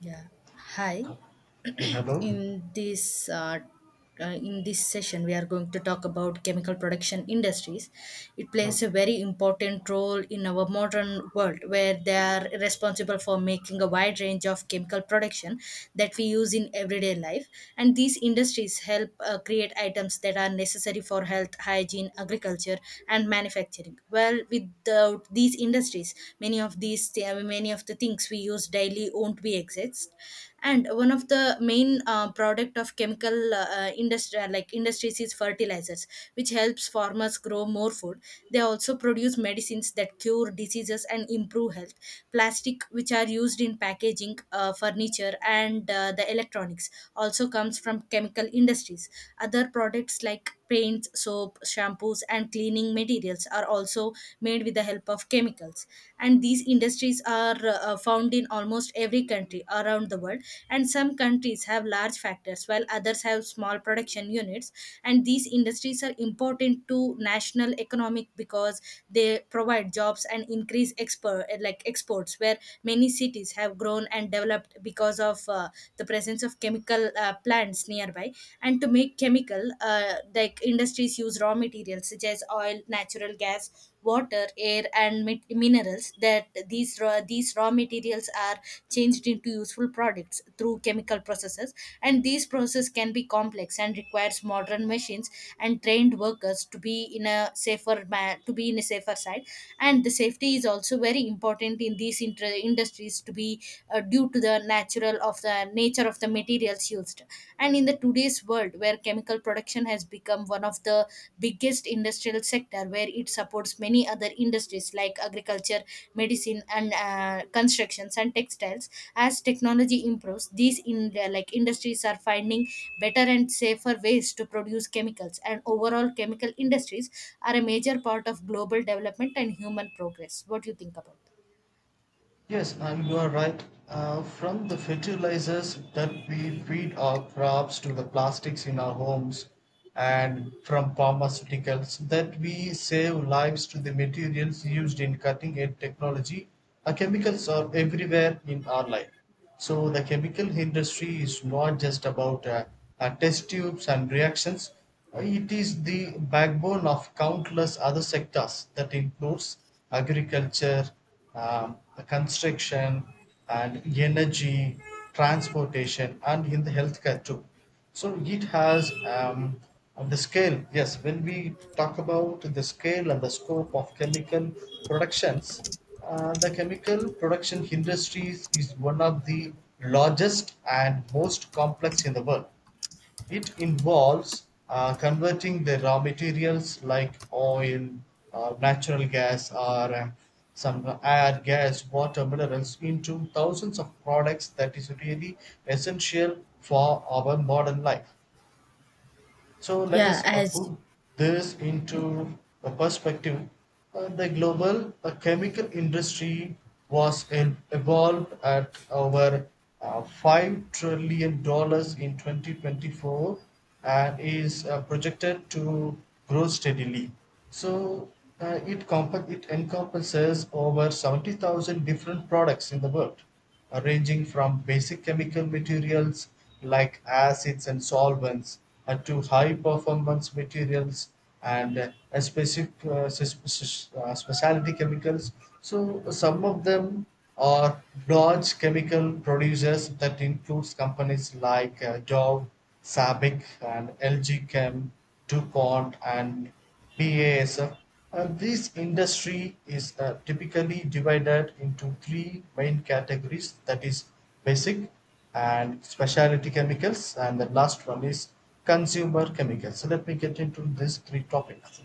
Yeah. Hi. Hello? In this uh, in this session, we are going to talk about chemical production industries. It plays a Okay. very important role in our modern world, where they are responsible for making a wide range of chemical production that we use in everyday life. And these industries help create items that are necessary for health, hygiene, agriculture, and manufacturing. Well, without these industries, many of the things we use daily won't be exist, and one of the main product of chemical industry like industries is fertilizers, which helps farmers grow more food. They also produce medicines that cure diseases and improve health. Plastic which are used in packaging, furniture, and the electronics also comes from chemical industries. Other products like paints, soap, shampoos, and cleaning materials are also made with the help of chemicals. And these industries are found in almost every country around the world, and some countries have large factories, while others have small production units. And these industries are important to national economic because they provide jobs and increase exports, where many cities have grown and developed because of the presence of chemical plants nearby. And to make chemical industries use raw materials such as oil, natural gas, water, air, and minerals, that these raw materials are changed into useful products through chemical processes. And these processes can be complex and requires modern machines and trained workers to be in a safer side. And the safety is also very important in these industries to be, due to the natural natural of the nature of the materials used. And in the today's world where chemical production has become one of the biggest industrial sector, where it supports many other industries like agriculture, medicine, and constructions and textiles. As technology improves, these in like industries are finding better and safer ways to produce chemicals, and overall chemical industries are a major part of global development and human progress. What do you think about that? Yes, and you are right. From the fertilizers that we feed our crops to the plastics in our homes, and from pharmaceuticals that we save lives to the materials used in cutting edge technology, our chemicals are everywhere in our life. So the chemical industry is not just about test tubes and reactions. It is the backbone of countless other sectors that includes agriculture, um, construction, and energy, transportation, and in the healthcare too. So it has the scale. Yes, when we talk about the scale and the scope of chemical productions, the chemical production industry is one of the largest and most complex in the world. It involves converting the raw materials like oil, or natural gas, or some air, gas, water, minerals into thousands of products that is really essential for our modern life. So let Yeah, us as put this into a perspective. The global chemical industry was evolved at over $5 trillion dollars in 2024 and is projected to grow steadily. So it encompasses over 70,000 different products in the world ranging from basic chemical materials like acids and solvents to high performance materials and a specific s- s- specialty chemicals. So some of them are large chemical producers that includes companies like Dow, Sabic, and LG Chem, DuPont, and BASF, and this industry is typically divided into three main categories: that is basic and specialty chemicals, and the last one is consumer chemicals. So let me get into these three topics.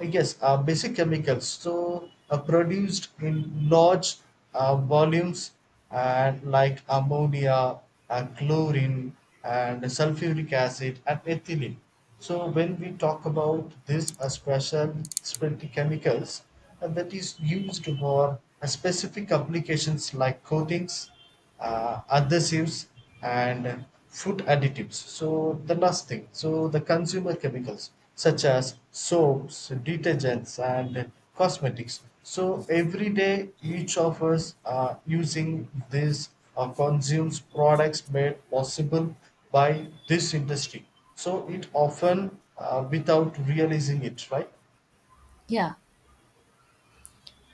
Yes, basic chemicals so produced in large volumes, and like ammonia, chlorine, and sulfuric acid, and ethylene. So when we talk about these, are specialty chemicals that is used for a specific applications like coatings, adhesives, and food additives. So the last thing, so the consumer chemicals such as soaps, detergents, and cosmetics. So every day, each of us are using these or consumes products made possible by this industry. So it often, without realizing it, right? yeah.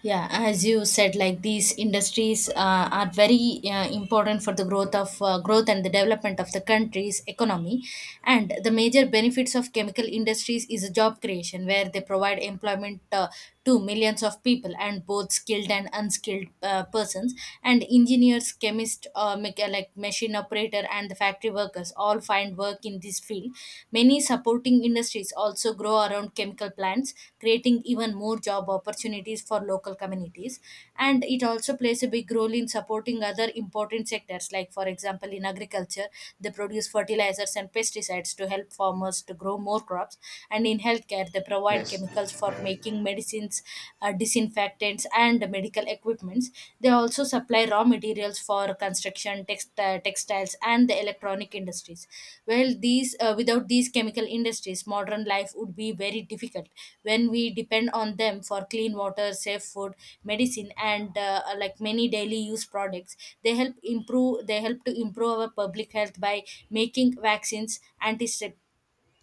Yeah, as you said, like these industries are very important for the growth and the development of the country's economy. And the major benefits of chemical industries is job creation, where they provide employment to millions of people, and both skilled and unskilled persons. And engineers, chemists, machine operator, and the factory workers all find work in this field. Many supporting industries also grow around chemical plants, creating even more job opportunities for local communities. And it also plays a big role in supporting other important sectors, like, for example, in agriculture, they produce fertilizers and pesticides to help farmers to grow more crops. And in healthcare, they provide Yes. chemicals for making medicines, disinfectants, and medical equipments. They also supply raw materials for construction, textiles, and the electronic industries. Well, these without these chemical industries, modern life would be very difficult. When we depend on them for clean water, safe food, medicine, and many daily use products, They help to improve our public health by making vaccines, antiseptics,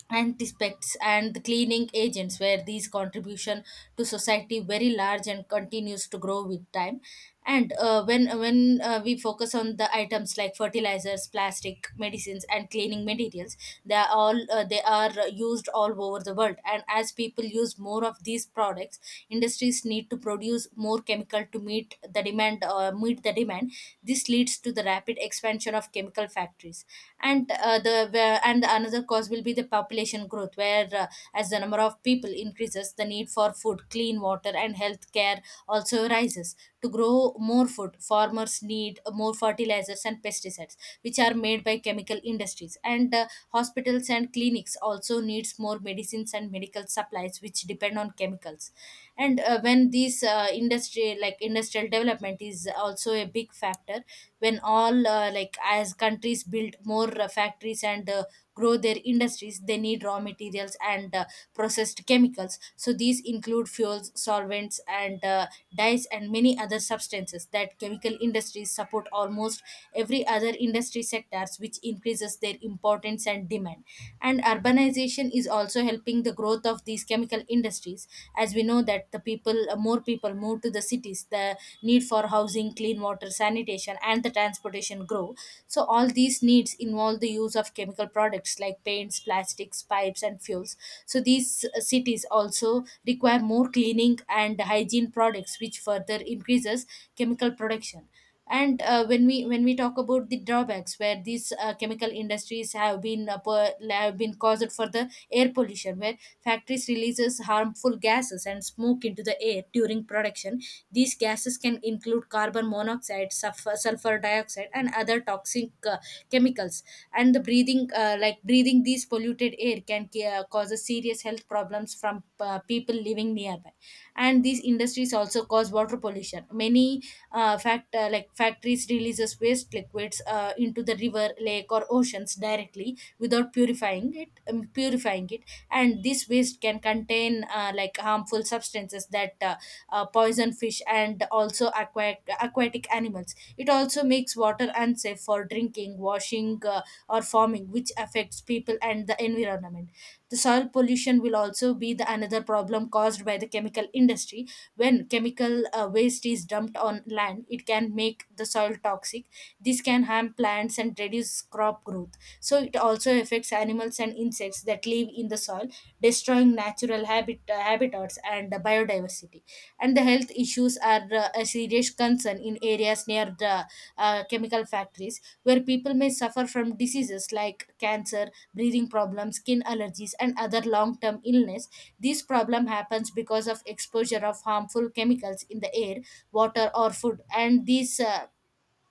and respects, and the cleaning agents, where these contribution to society very large and continues to grow with time. And when we focus on the items like fertilizers, plastic, medicines, and cleaning materials, they are all they are used all over the world. And as people use more of these products, industries need to produce more chemical to meet the demand. This leads to the rapid expansion of chemical factories. And and another cause will be the population growth, where as the number of people increases, the need for food, clean water, and health care also rises. To grow more food, farmers need more fertilizers and pesticides, which are made by chemical industries. And hospitals and clinics also needs more medicines and medical supplies, which depend on chemicals. And when the this industry like industrial development is also a big factor. When all uh, like as countries build more factories and grow their industries, they need raw materials and processed chemicals. So these include fuels, solvents, and dyes, and many other substances, that chemical industries support almost every other industry sectors, which increases their importance and demand. And urbanization is also helping the growth of these chemical industries. As we know that the people more people move to the cities, the need for housing, clean water, sanitation, and the transportation grow. So all these needs involve the use of chemical products like paints, plastics, pipes, and fuels. So these cities also require more cleaning and hygiene products, which further increases chemical production. And when we talk about the drawbacks, where these chemical industries have been per have been caused for the air pollution, where factories releases harmful gases and smoke into the air during production. These gases can include carbon monoxide, sulfur dioxide, and other toxic chemicals. And the breathing these polluted air can cause a serious health problems from people living nearby. And these industries also cause water pollution. Many factories releases waste liquids into the river, lake, or oceans directly without purifying it. And this waste can contain harmful substances that poison fish and also aquatic animals. It also makes water unsafe for drinking, washing, or farming, which affects people and the environment. The soil pollution will also be the another problem caused by the chemical industry. When chemical waste is dumped on land, it can make the soil toxic. This can harm plants and reduce crop growth. So it also affects animals and insects that live in the soil, destroying natural habitats and biodiversity. And the health issues are a serious concern in areas near the chemical factories, where people may suffer from diseases like cancer, breathing problems, skin allergies, and other long-term illness. This problem happens because of exposure of harmful chemicals in the air, water, or food. And these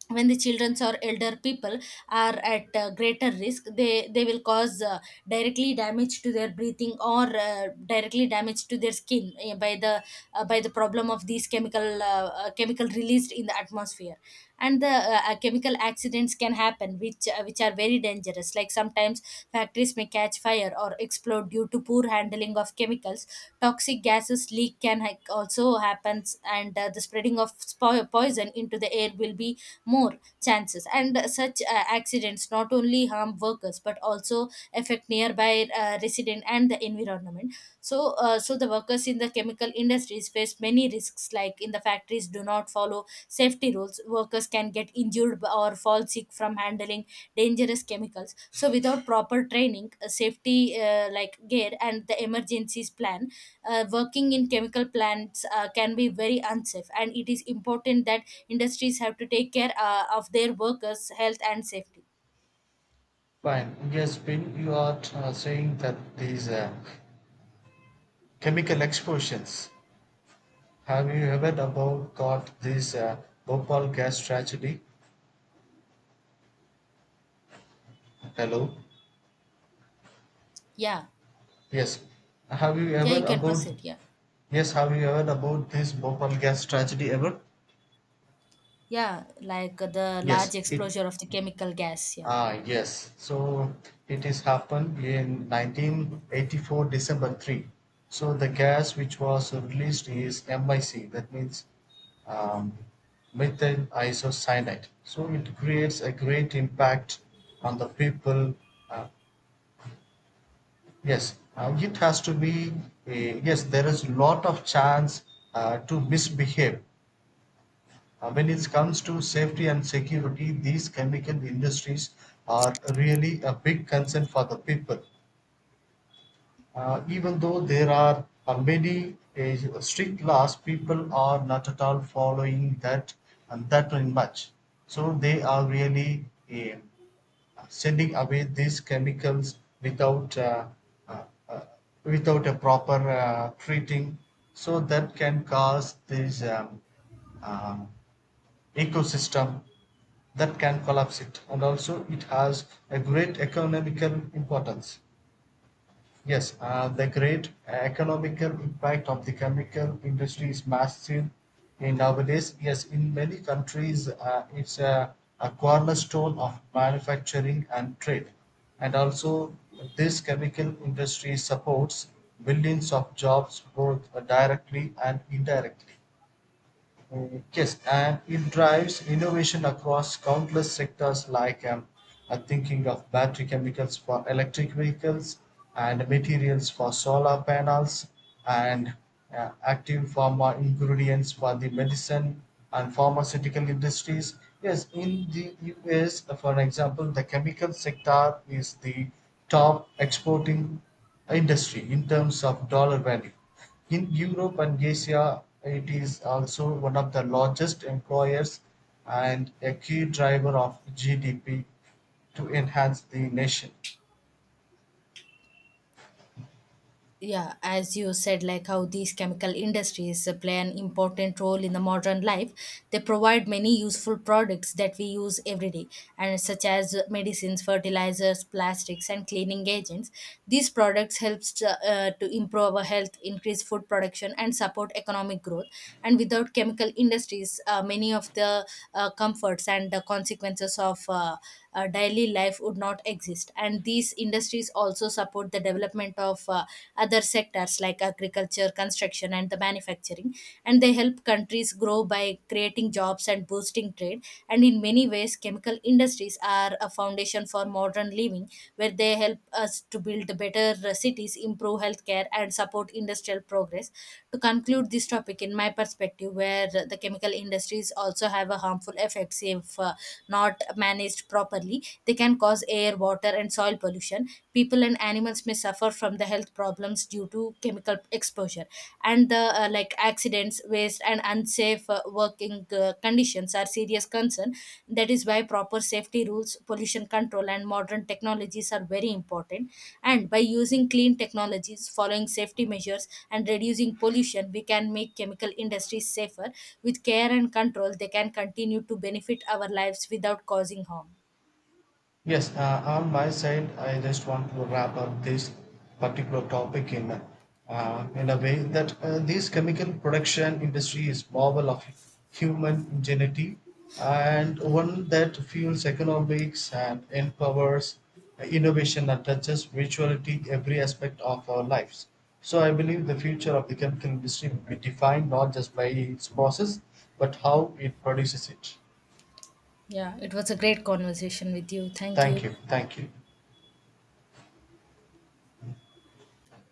when the childrens or elder people are at greater risk, they will cause directly damage to their breathing, or directly damage to their skin, by the problem of these chemical released in the atmosphere. And the chemical accidents can happen, which are very dangerous. Like sometimes factories may catch fire or explode due to poor handling of chemicals. Toxic gases leak can also happens, and the spreading of poison into the air will be more chances. And such accidents not only harm workers but also affect nearby resident and the environment. So, so the workers in the chemical industries face many risks, like in the factories do not follow safety rules. Workers can get injured or fall sick from handling dangerous chemicals. So, without proper training, safety gear, and the emergencies plan, working in chemical plants can be very unsafe. And it is important that industries have to take care of their workers' health and safety. Fine. Yes, Bill, you are saying that these chemical explosions. Have you ever about got this Bhopal gas tragedy? Hello. Yeah, Yes. Have you yeah, ever you can about? proceed. Yeah. Yes. Have you ever about this Bhopal gas tragedy ever? Yeah, like the large Yes. Exposure of the chemical gas. Yeah. Yes. So it is happened in 1984, December 3. So the gas which was released is MIC, that means um, methyl isocyanate. So it creates a great impact on the people. Uh, yes, it has to be, yes, there is lot of chance to misbehave when it comes to safety and security, these chemical industries are really a big concern for the people. Even though there are many strict laws, people are not at all following that and that very much. So they are really uh, sending away these chemicals uh, uh, without a proper treating. So that can cause this um, ecosystem, that can collapse it. And also it has a great economical importance. Yes, the great economical impact of the chemical industry is massive in nowadays. Yes, in many countries, it's a cornerstone of manufacturing and trade, and also this chemical industry supports millions of jobs, both directly and indirectly. Yes, and it drives innovation across countless sectors, like thinking of battery chemicals for electric vehicles, and materials for solar panels, and active pharma ingredients for the medicine and pharmaceutical industries. Yes, in the US, for example, the chemical sector is the top exporting industry in terms of dollar value. In Europe and Asia, it is also one of the largest employers and a key driver of GDP to enhance the nation. Yeah, as you said, like how these chemical industries play an important role in the modern life. They provide many useful products that we use every day, and such as medicines, fertilizers, plastics, and cleaning agents. These products helps to improve our health, increase food production, and support economic growth. And without chemical industries, many of the comforts and the consequences of daily life would not exist. And these industries also support the development of other sectors like agriculture, construction, and the manufacturing. And they help countries grow by creating jobs and boosting trade. And in many ways, chemical industries are a foundation for modern living, where they help us to build better cities, improve healthcare, and support industrial progress. To conclude this topic, in my perspective, where the chemical industries also have a harmful effects if not managed properly, they can cause air, water, and soil pollution. People and animals may suffer from the health problems due to chemical exposure, and the accidents, waste, and unsafe working conditions are serious concern. That is why proper safety rules, pollution control, and modern technologies are very important. And by using clean technologies, following safety measures, and reducing pollution, we can make chemical industries safer. With care and control, they can continue to benefit our lives without causing harm. Yes, on my side, I just want to wrap up this particular topic in in a way that this chemical production industry is marvel of human ingenuity, and one that fuels economics and empowers innovation and touches virtuality every aspect of our lives. So I believe the future of the chemical industry will be defined not just by its process, but how it produces it. Yeah, it was a great conversation with you. Thank Thank you. you. Thank you.